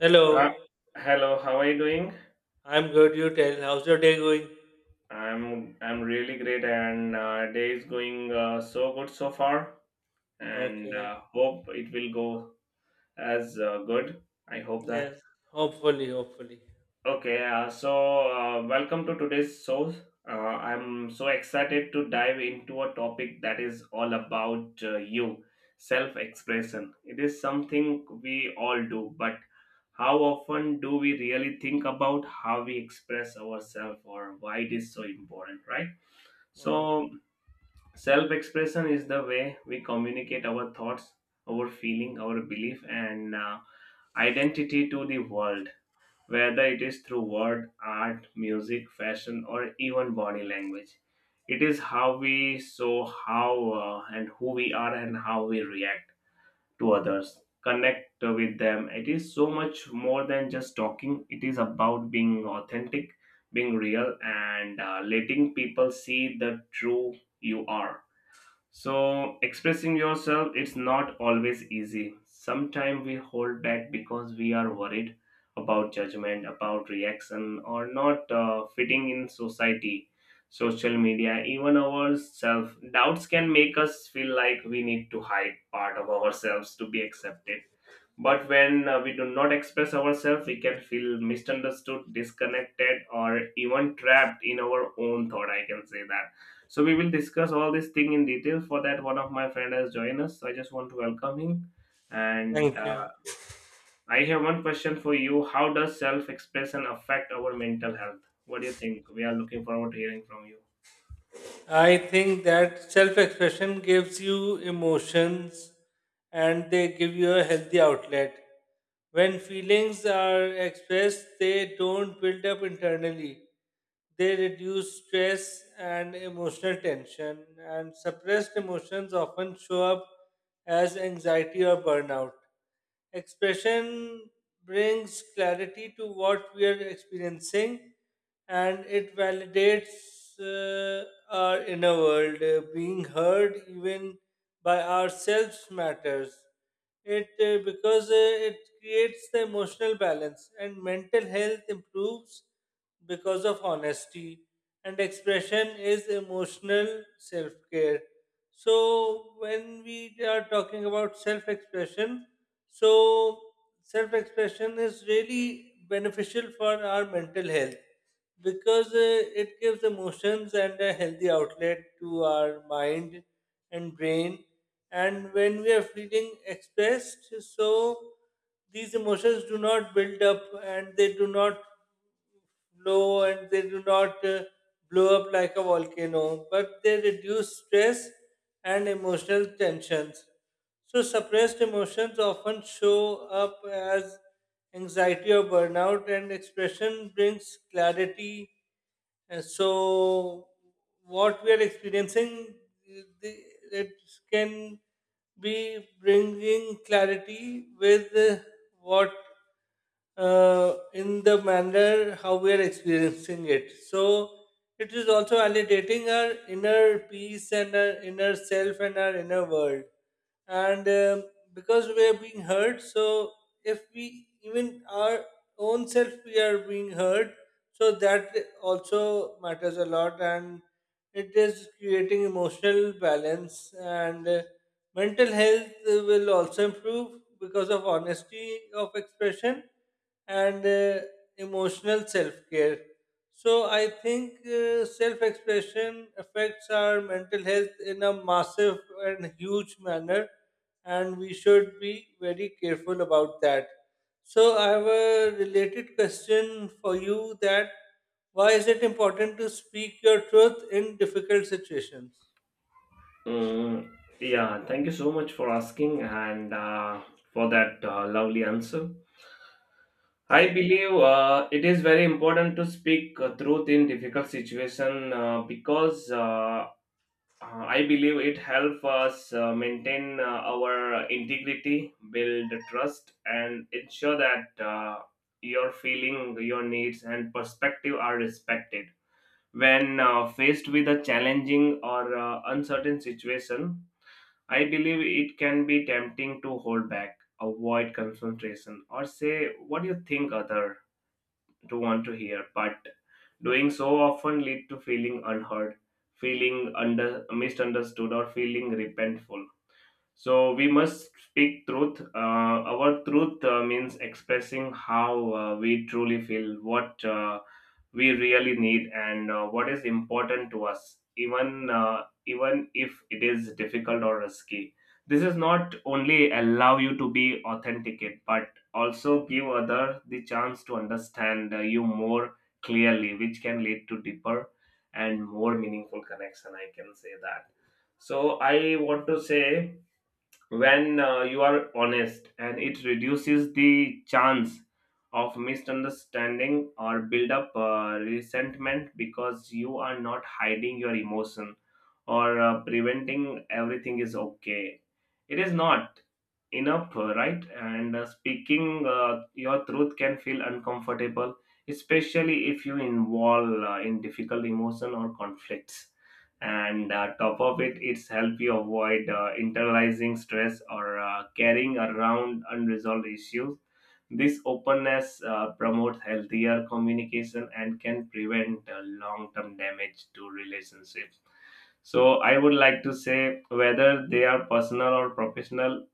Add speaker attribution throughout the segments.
Speaker 1: Hello,
Speaker 2: Ha- Hello, how are you doing?
Speaker 1: I'm good. You tell. How's your day going?
Speaker 2: I'm really great, and day is going so good so far, and
Speaker 1: Okay.
Speaker 2: hope it will go as good. I hope that.
Speaker 1: Yes. Hopefully, hopefully.
Speaker 2: Okay, welcome to today's show. I'm so excited to dive into a topic that is all about you, self expression. It is something we all do, but how often do we really think about how we express ourselves or why it is so important, right?
Speaker 1: Okay.
Speaker 2: So, self expression is the way we communicate our thoughts, our feeling, our belief, and identity to the world whether it is through word, art, music, fashion, or even body language. It is how we show how and who we are and how we react to others, connect with them. It is so much more than just talking, it is about being authentic, being real, and letting people see the true you are. So, expressing yourself, it's not always easy. Sometimes we hold back because we are worried about judgment, about reaction, or not fitting in society, social media, even ourselves. Doubts can make us feel like we need to hide part of ourselves to be accepted. But when we do not express ourselves, we can feel misunderstood, disconnected, or even trapped in our own thought. I can say that, so we will discuss all this thing in detail. For that, one of my friend has joined us. So I just want to welcome him. And
Speaker 1: Thank you.
Speaker 2: I have one question for you. How does self-expression affect our mental health? What do you think? We are looking forward to hearing from you.
Speaker 1: I think that self expression gives you emotions and they give you a healthy outlet. When feelings are expressed, they don't build up internally. They reduce stress and emotional tension, and suppressed emotions often show up as anxiety or burnout. Expression brings clarity to what we are experiencing and it validates uh, our inner world. Being heard even by ourselves matters. It creates the emotional balance and mental health improves because of honesty, and expression is emotional self care. So when we are talking about self expression, so self expression is really beneficial for our mental health because it gives emotions and a healthy outlet to our mind and brain. And when we are feeling expressed, so these emotions do not build up, and they do not blow, and they do not blow up like a volcano, but they reduce stress and emotional tensions. So, suppressed emotions often show up as anxiety or burnout, and expression brings clarity. And so, what we are experiencing, the- it can be bringing clarity with what in the manner how we are experiencing it. So it is also validating our inner peace and our inner self and our inner world. And Because we are being heard, so if we, even our own self, we are being heard, so that also matters a lot, and it is creating emotional balance. And mental health will also improve because of honesty of expression and emotional self care. So, I think self expression affects our mental health in a massive and huge manner, and we should be very careful about that. So, I have a related question for you: that why is it important to speak your truth in difficult situations?
Speaker 2: Mm, yeah, thank you so much for asking and for that lovely answer. I believe it is very important to speak truth in difficult situation because I believe it helps us maintain our integrity, build trust, and ensure that your feeling, your needs, and perspective are respected. When faced with a challenging or uncertain situation, I believe it can be tempting to hold back, avoid confrontation, or say what you think other to want to hear, but doing so often lead to feeling unheard, feeling under misunderstood, or feeling repentful. So we must speak truth. Our truth means expressing how we truly feel, what we really need, and what is important to us, even if it is difficult or risky. This is not only allow you to be authenticate, but also give other the chance to understand you more clearly, which can lead to deeper and more meaningful connection. I can say that. So I want to say, when you are honest and it reduces the chance of misunderstanding or build up resentment because you are not hiding your emotion or preventing everything is okay, it is not enough, right? And speaking your truth can feel uncomfortable, especially if you involve in difficult emotion or conflicts, and top of it, it's help you avoid internalizing stress or carrying around unresolved issues. This openness promotes healthier communication and can prevent long-term damage to relationships. So I would like to say, whether they are personal or professional,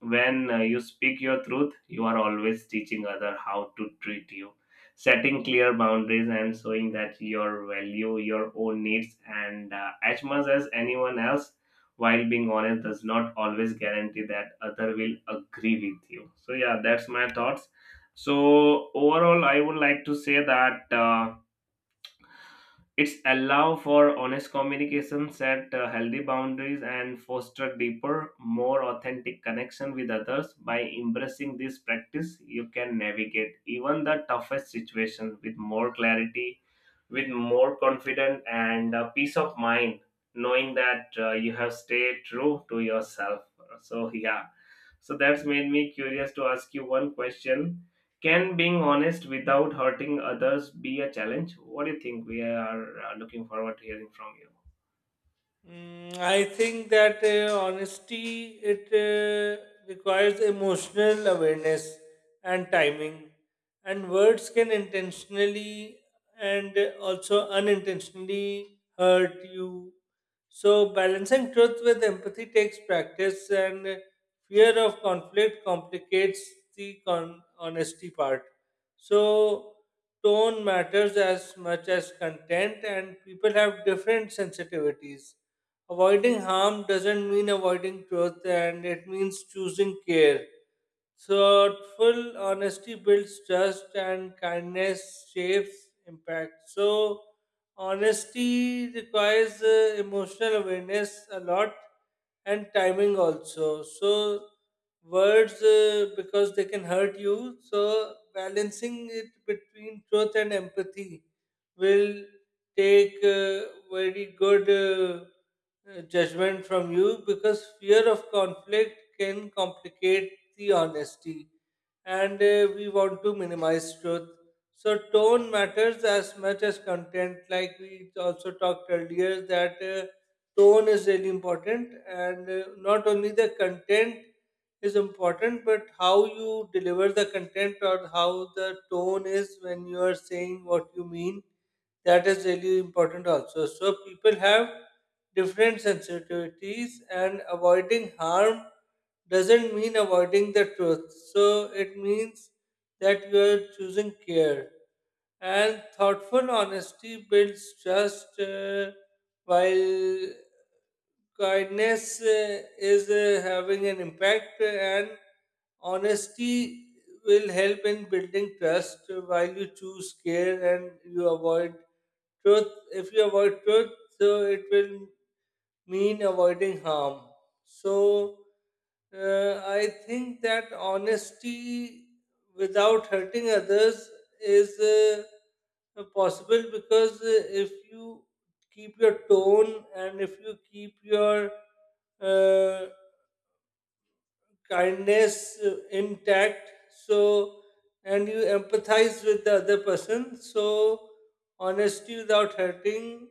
Speaker 2: when you speak your truth, you are always teaching other how to treat you, setting clear boundaries and showing that your value your own needs and as much as anyone else, while being honest does not always guarantee that other will agree with you. So yeah, that's my thoughts. So overall, I would like to say that, it's allow for honest communication, set healthy boundaries, and foster deeper, more authentic connection with others. By embracing this practice, you can navigate even the toughest situation with more clarity, with more confidence, and peace of mind, knowing that you have stayed true to yourself. So yeah, so that's made me curious to ask you one question. Can being honest without hurting others be a challenge? What do you think? We are looking forward to hearing from you.
Speaker 1: Mm, I think that honesty it requires emotional awareness and timing, and words can intentionally and also unintentionally hurt you. So balancing truth with empathy takes practice, and fear of conflict complicates the honesty part. So tone matters as much as content, and people have different sensitivities. Avoiding harm doesn't mean avoiding truth, and it means choosing care. Thoughtful honesty builds trust, and kindness shapes impact. So, honesty requires emotional awareness a lot and timing also. So, words, because they can hurt you, so balancing it between truth and empathy will take very good judgment from you, because fear of conflict can complicate the honesty, and we want to minimize truth. So, tone matters as much as content, like we also talked earlier, that tone is really important, and not only the content is important, but how you deliver the content or how the tone is when you are saying what you mean, that is really important also. So people have different sensitivities, and avoiding harm doesn't mean avoiding the truth. So it means that you are choosing care. And thoughtful honesty builds trust, while kindness is having an impact, and honesty will help in building trust while you choose care, and you avoid truth. If you avoid truth, so it will mean avoiding harm. So I think that honesty without hurting others is possible, because if you keep your tone and if you keep your uh, kindness intact, so, and you empathize with the other person, so honesty without hurting,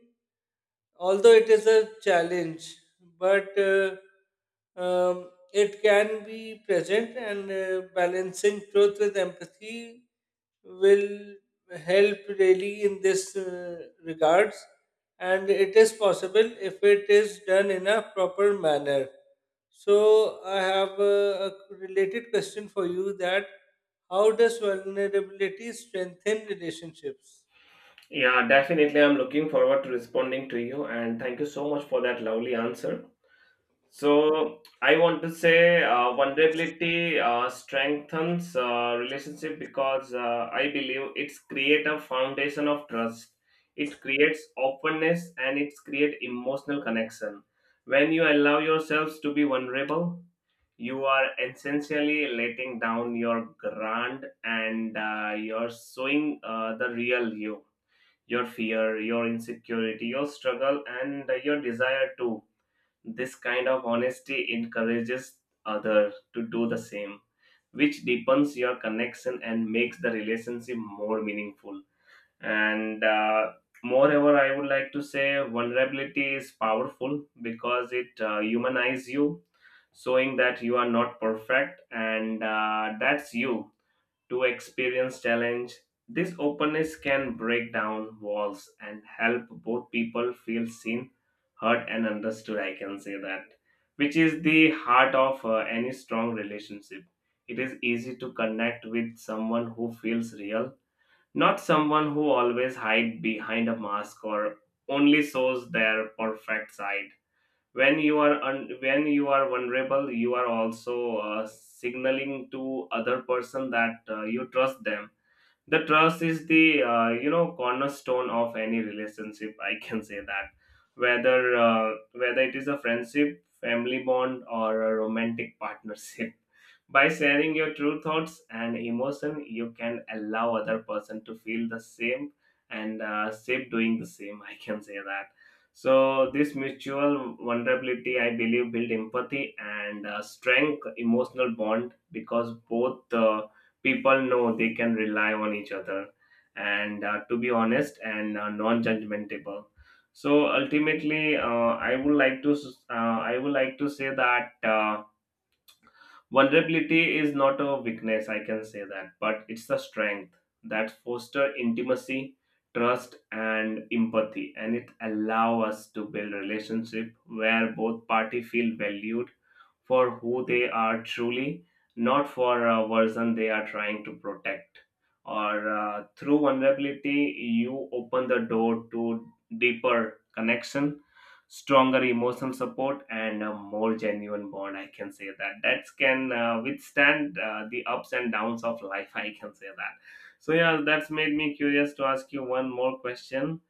Speaker 1: although it is a challenge, but it can be present, and balancing truth with empathy will help really in this regards, and it is possible if it is done in a proper manner. So I have a related question for you: that how does vulnerability strengthen relationships?
Speaker 2: Yeah, definitely. I'm looking forward to responding to you, and thank you so much for that lovely answer. So, I want to say vulnerability strengthens relationship because I believe it's create a foundation of trust. It creates openness and it's create emotional connection. When you allow yourselves to be vulnerable, you are essentially letting down your grand and you're showing the real you, your fear, your insecurity, your struggle, and your desire too. This kind of honesty encourages other to do the same, which deepens your connection and makes the relationship more meaningful. And moreover, I would like to say, vulnerability is powerful because it humanizes you, showing that you are not perfect and that's you to experience challenge. This openness can break down walls and help both people feel seen, heard, and understood. I can say that, which is the heart of any strong relationship. It is easy to connect with someone who feels real, not someone who always hide behind a mask or only shows their perfect side. When you are vulnerable, you are also signaling to other person that you trust them. The trust is the, you know, cornerstone of any relationship, I can say that. Whether uh, whether it is a friendship, family bond, or a romantic partnership, by sharing your true thoughts and emotion, you can allow other person to feel the same and save doing the same, I can say that. So this mutual vulnerability, I believe, build empathy and strength emotional bond because both people know they can rely on each other and to be honest and non-judgmental. So ultimately, I would like to say that, vulnerability is not a weakness, I can say that, but it's a strength that foster intimacy, trust, and empathy, and it allow us to build relationship where both party feel valued for who they are truly, not for a version they are trying to protect. Or through vulnerability, you open the door to deeper connection, stronger emotional support, and a more genuine bond, I can say that, that can withstand the ups and downs of life, I can say that. So yeah, that's made me curious to ask you one more question.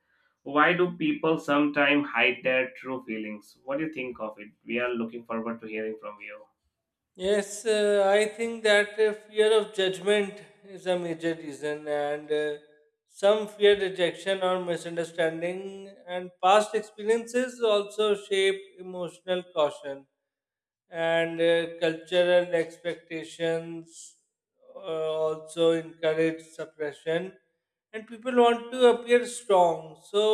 Speaker 2: Why do people sometimes hide their true feelings? What do you think of it? We are looking forward to hearing from you.
Speaker 1: Yes, I think that fear of judgment is a major reason, and some fear rejection or misunderstanding, and past experiences also shape emotional caution, and cultural expectations also encourage suppression, and people want to appear strong. So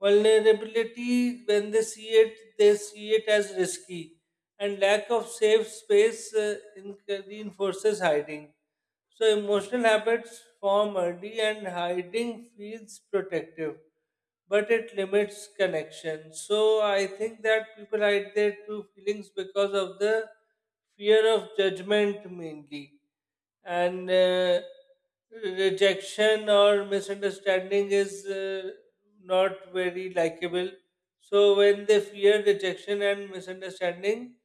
Speaker 1: vulnerability, when they see it, they see it as risky, and lack of safe space reinforces hiding. So emotional habits form early and hiding feels protective, but it limits connection. So I think that people hide their true feelings because of the fear of judgment mainly. And rejection or misunderstanding is not very likable, so when they fear rejection and misunderstanding,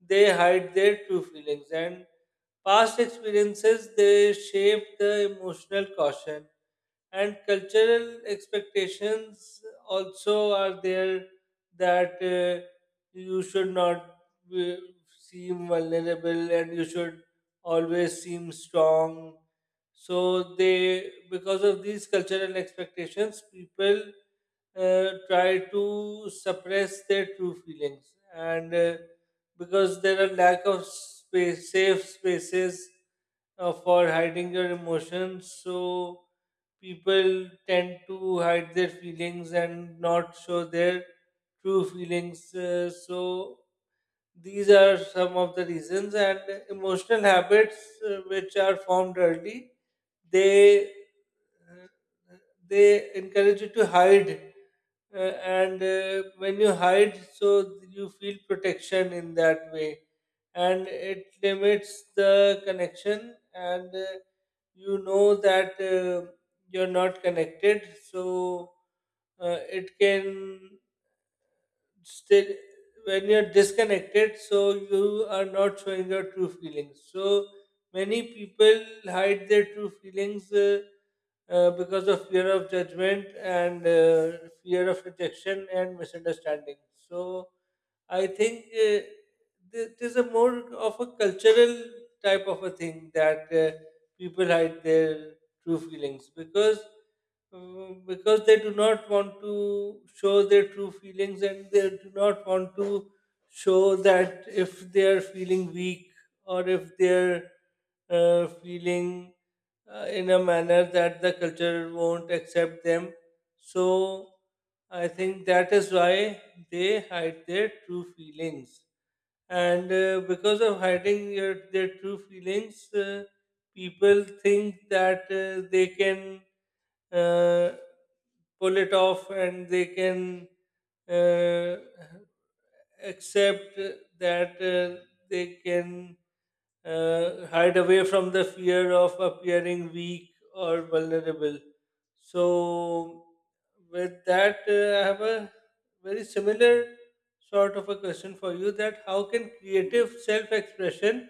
Speaker 1: they hide their true feelings. And past experiences, they shape the emotional caution. And cultural expectations also are there, that you should not uh, seem vulnerable and you should always seem strong. So they, because of these cultural expectations, people try to suppress their true feelings, and because there are lack of space, safe spaces for hiding your emotions, so people tend to hide their feelings and not show their true feelings. So these are some of the reasons, and emotional habits which are formed early, they uh, they encourage you to hide, uh, and when you hide, so you feel protection in that way, and it limits the connection, and you know that you're not connected, so it can still, when you're disconnected, so you are not showing your true feelings, so many people hide their true feelings, because of fear of judgment and fear of rejection and misunderstanding. So I think it is a more of a cultural type of a thing, that people hide their true feelings, because they do not want to show their true feelings, and they do not want to show that, if they are feeling weak or if they are feeling in a manner that the culture won't accept them. So I think that is why they hide their true feelings. And because of hiding their true feelings, people think that they can uh, pull it off, and they can uh, accept that they can hide away from the fear of appearing weak or vulnerable. So, with that, I have a very similar sort of a question for you: that how can creative self expression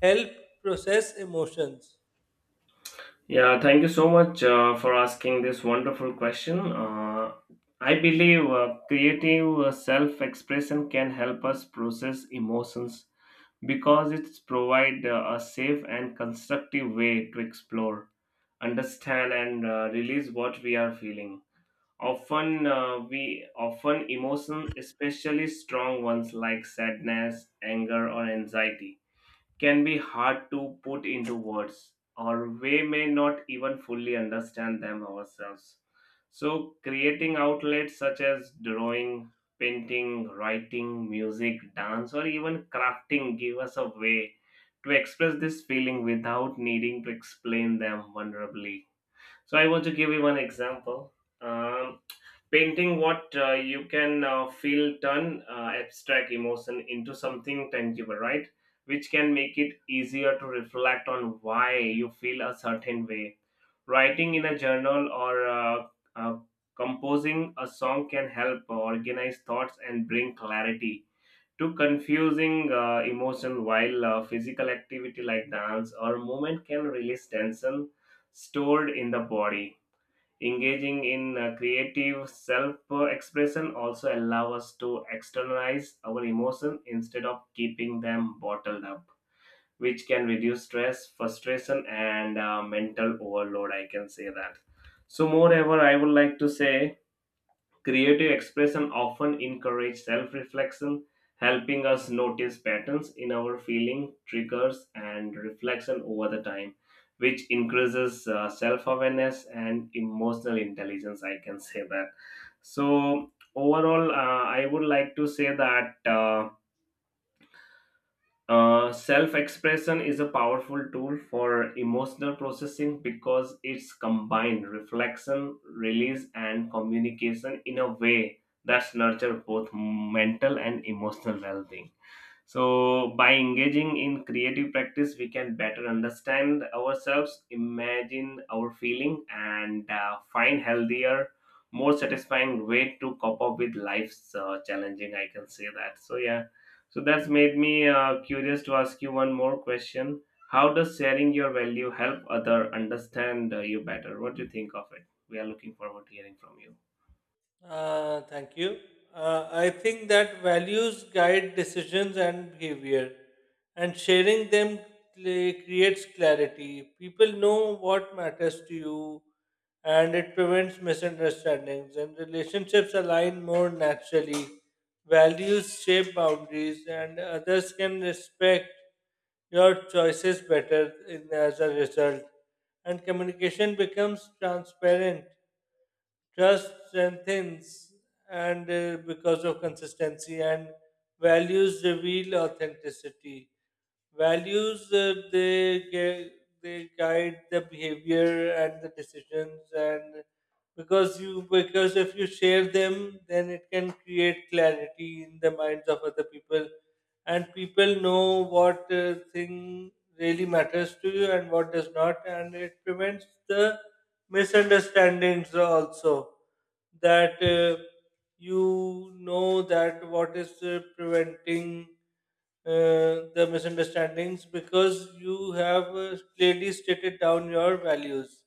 Speaker 1: help process emotions?
Speaker 2: Yeah, thank you so much for asking this wonderful question. I believe creative self-expression can help us process emotions because it provides a safe and constructive way to explore, understand, and release what we are feeling. We often emotion, especially strong ones like sadness, anger, or anxiety, can be hard to put into words, or we may not even fully understand them ourselves. So, creating outlets such as drawing, painting, writing, music, dance, or even crafting give us a way to express this feeling without needing to explain them vulnerably. So, I want to give you one example. Um, Painting what you can feel turn abstract emotion into something tangible, right, which can make it easier to reflect on why you feel a certain way. Writing in a journal or uh, composing a song can help organize thoughts and bring clarity to confusing emotion, while physical activity like dance or movement can release tension stored in the body. Engaging in creative self expression also allows us to externalize our emotion instead of keeping them bottled up, which can reduce stress, frustration, and mental overload. I can say that. So, moreover, I would like to say, creative expression often encourages self reflection, helping us notice patterns in our feeling, triggers, and reflection over the time, which increases self awareness and emotional intelligence. I can say that. So, overall, i would like to say that. Self expression is a powerful tool for emotional processing because it's combined reflection, release, and communication in a way that's nurture both mental and emotional well being. So, by engaging in creative practice, we can better understand ourselves, imagine our feeling, and find healthier, more satisfying way to cope up with life's challenging. I can say that. So, yeah. So that's made me curious to ask you one more question. How does sharing your value help other understand you better? What do you think of it? We are looking forward to hearing from you.
Speaker 1: Thank you. I think that values guide decisions and behavior, and sharing them creates clarity. People know what matters to you, and it prevents misunderstandings, and relationships align more naturally. Values shape boundaries, and others can respect your choices better as a result, and communication becomes transparent, trust strengthens, and because of consistency, and values reveal authenticity. Values, they guide the behavior and the decisions, and because you, because if you share them, then it can create clarity in the minds of other people, and people know what thing really matters to you and what does not, and it prevents the misunderstandings also, that you know that what is preventing the misunderstandings, because you have clearly stated down your values.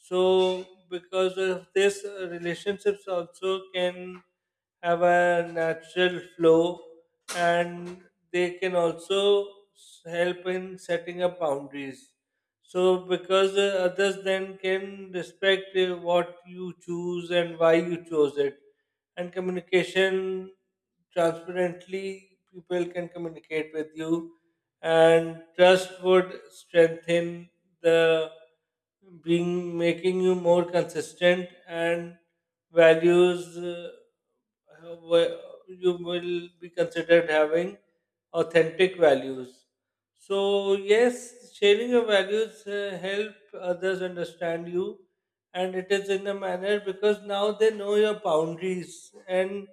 Speaker 1: So, because of this, relationships also can have a natural flow, and they can also help in setting up boundaries. So, because others then can respect what you choose and why you chose it, and communication transparently, people can communicate with you, and trust would strengthen the being, making you more consistent, and values have- you will be considered having authentic values. So yes, sharing your values help others understand you, and it is in a manner, because now they know your boundaries, and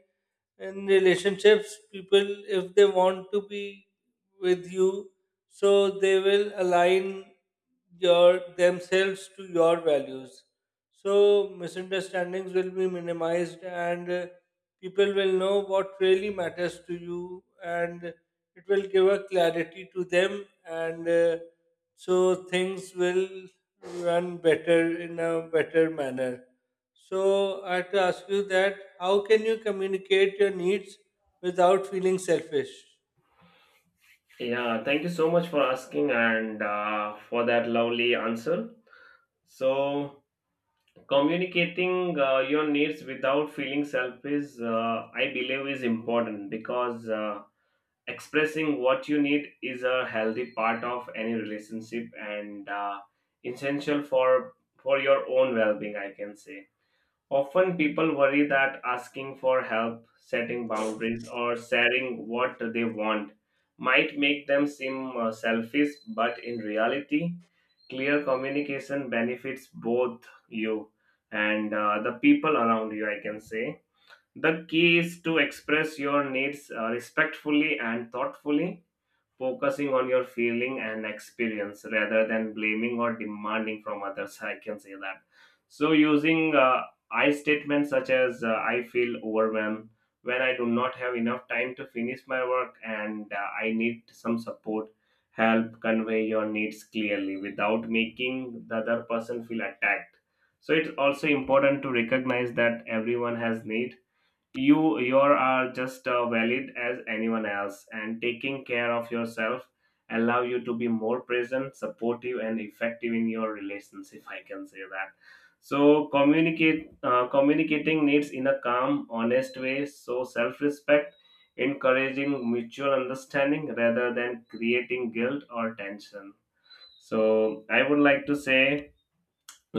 Speaker 1: in relationships, people, if they want to be with you, so they will align your themselves to your values, so misunderstandings will be minimized, and people will know what really matters to you, and it will give a clarity to them, and so things will run better in a better manner. So I have to ask you: that how can you communicate your needs without feeling selfish?
Speaker 2: Yeah, thank you so much for asking and for that lovely answer. So, communicating your needs without feeling selfish, I believe, is important because expressing what you need is a healthy part of any relationship and essential for your own well-being. I can say, often people worry that asking for help, setting boundaries, or sharing what they want might make them seem selfish, but in reality, clear communication benefits both you and the people around you, I can say. The key is to express your needs respectfully and thoughtfully, focusing on your feeling and experience rather than blaming or demanding from others, I can say that. So using I statements such as, I feel overwhelmed when I do not have enough time to finish my work and I need some support, help convey your needs clearly without making the other person feel attacked. So it's also important to recognize that everyone has needs. You are just valid as anyone else, and taking care of yourself allow you to be more present, supportive, and effective in your relations, if I can say that. So communicate communicating needs in a calm, honest way, so self-respect, encouraging mutual understanding rather than creating guilt or tension. So I would like to say,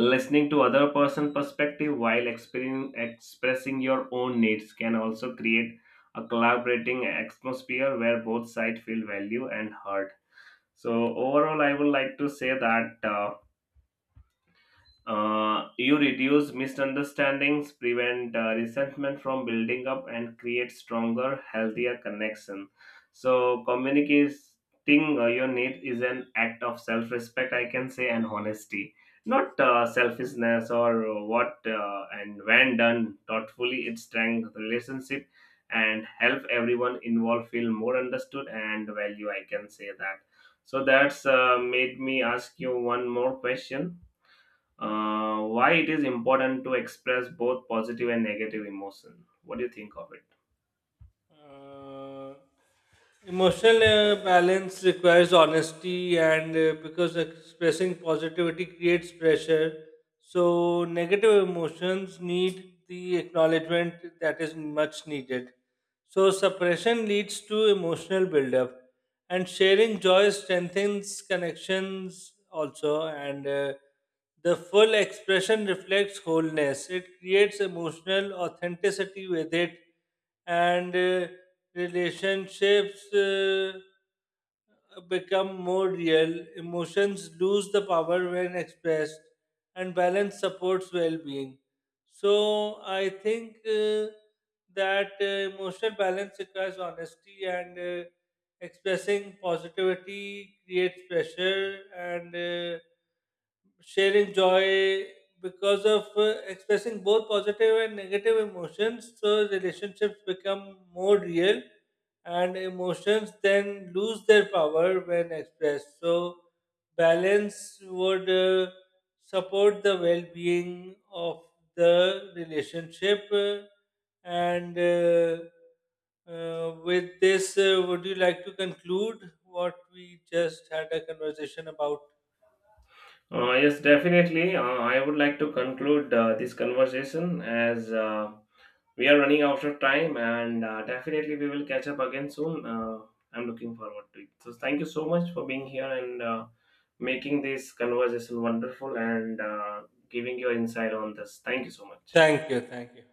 Speaker 2: listening to other person perspective while expressing your own needs can also create a collaborating atmosphere where both sides feel value and heard. So overall, I would like to say that, you reduce misunderstandings, prevent resentment from building up, and create stronger, healthier connection. So communicating your need is an act of self-respect, I can say, and honesty, not selfishness or what. And when done thoughtfully, it strengthens the relationship and help everyone involved feel more understood and value. I can say that. So that's made me ask you one more question. Why it is important to express both positive and negative emotion? What do you think of it?
Speaker 1: Uh, emotional balance requires honesty, and because expressing positivity creates pressure, so negative emotions need the acknowledgement that is much needed. So, suppression leads to emotional buildup, and sharing joy strengthens connections also. And the full expression reflects wholeness, it creates emotional authenticity with it, and relationships become more real, emotions lose the power when expressed, and balance supports well being. So, I think that emotional balance requires honesty, and expressing positivity creates pressure, and sharing joy, because of expressing both positive and negative emotions, so relationships become more real, and emotions then lose their power when expressed, so balance would support the well-being of the relationship. Uh, and With this, would you like to conclude what we just had a conversation about?
Speaker 2: Yes, definitely. I would like to conclude this conversation as we are running out of time, and definitely we will catch up again soon. I'm looking forward to it. So, thank you so much for being here and making this conversation wonderful and giving your insight on this. Thank you so much.
Speaker 1: Thank you, thank you.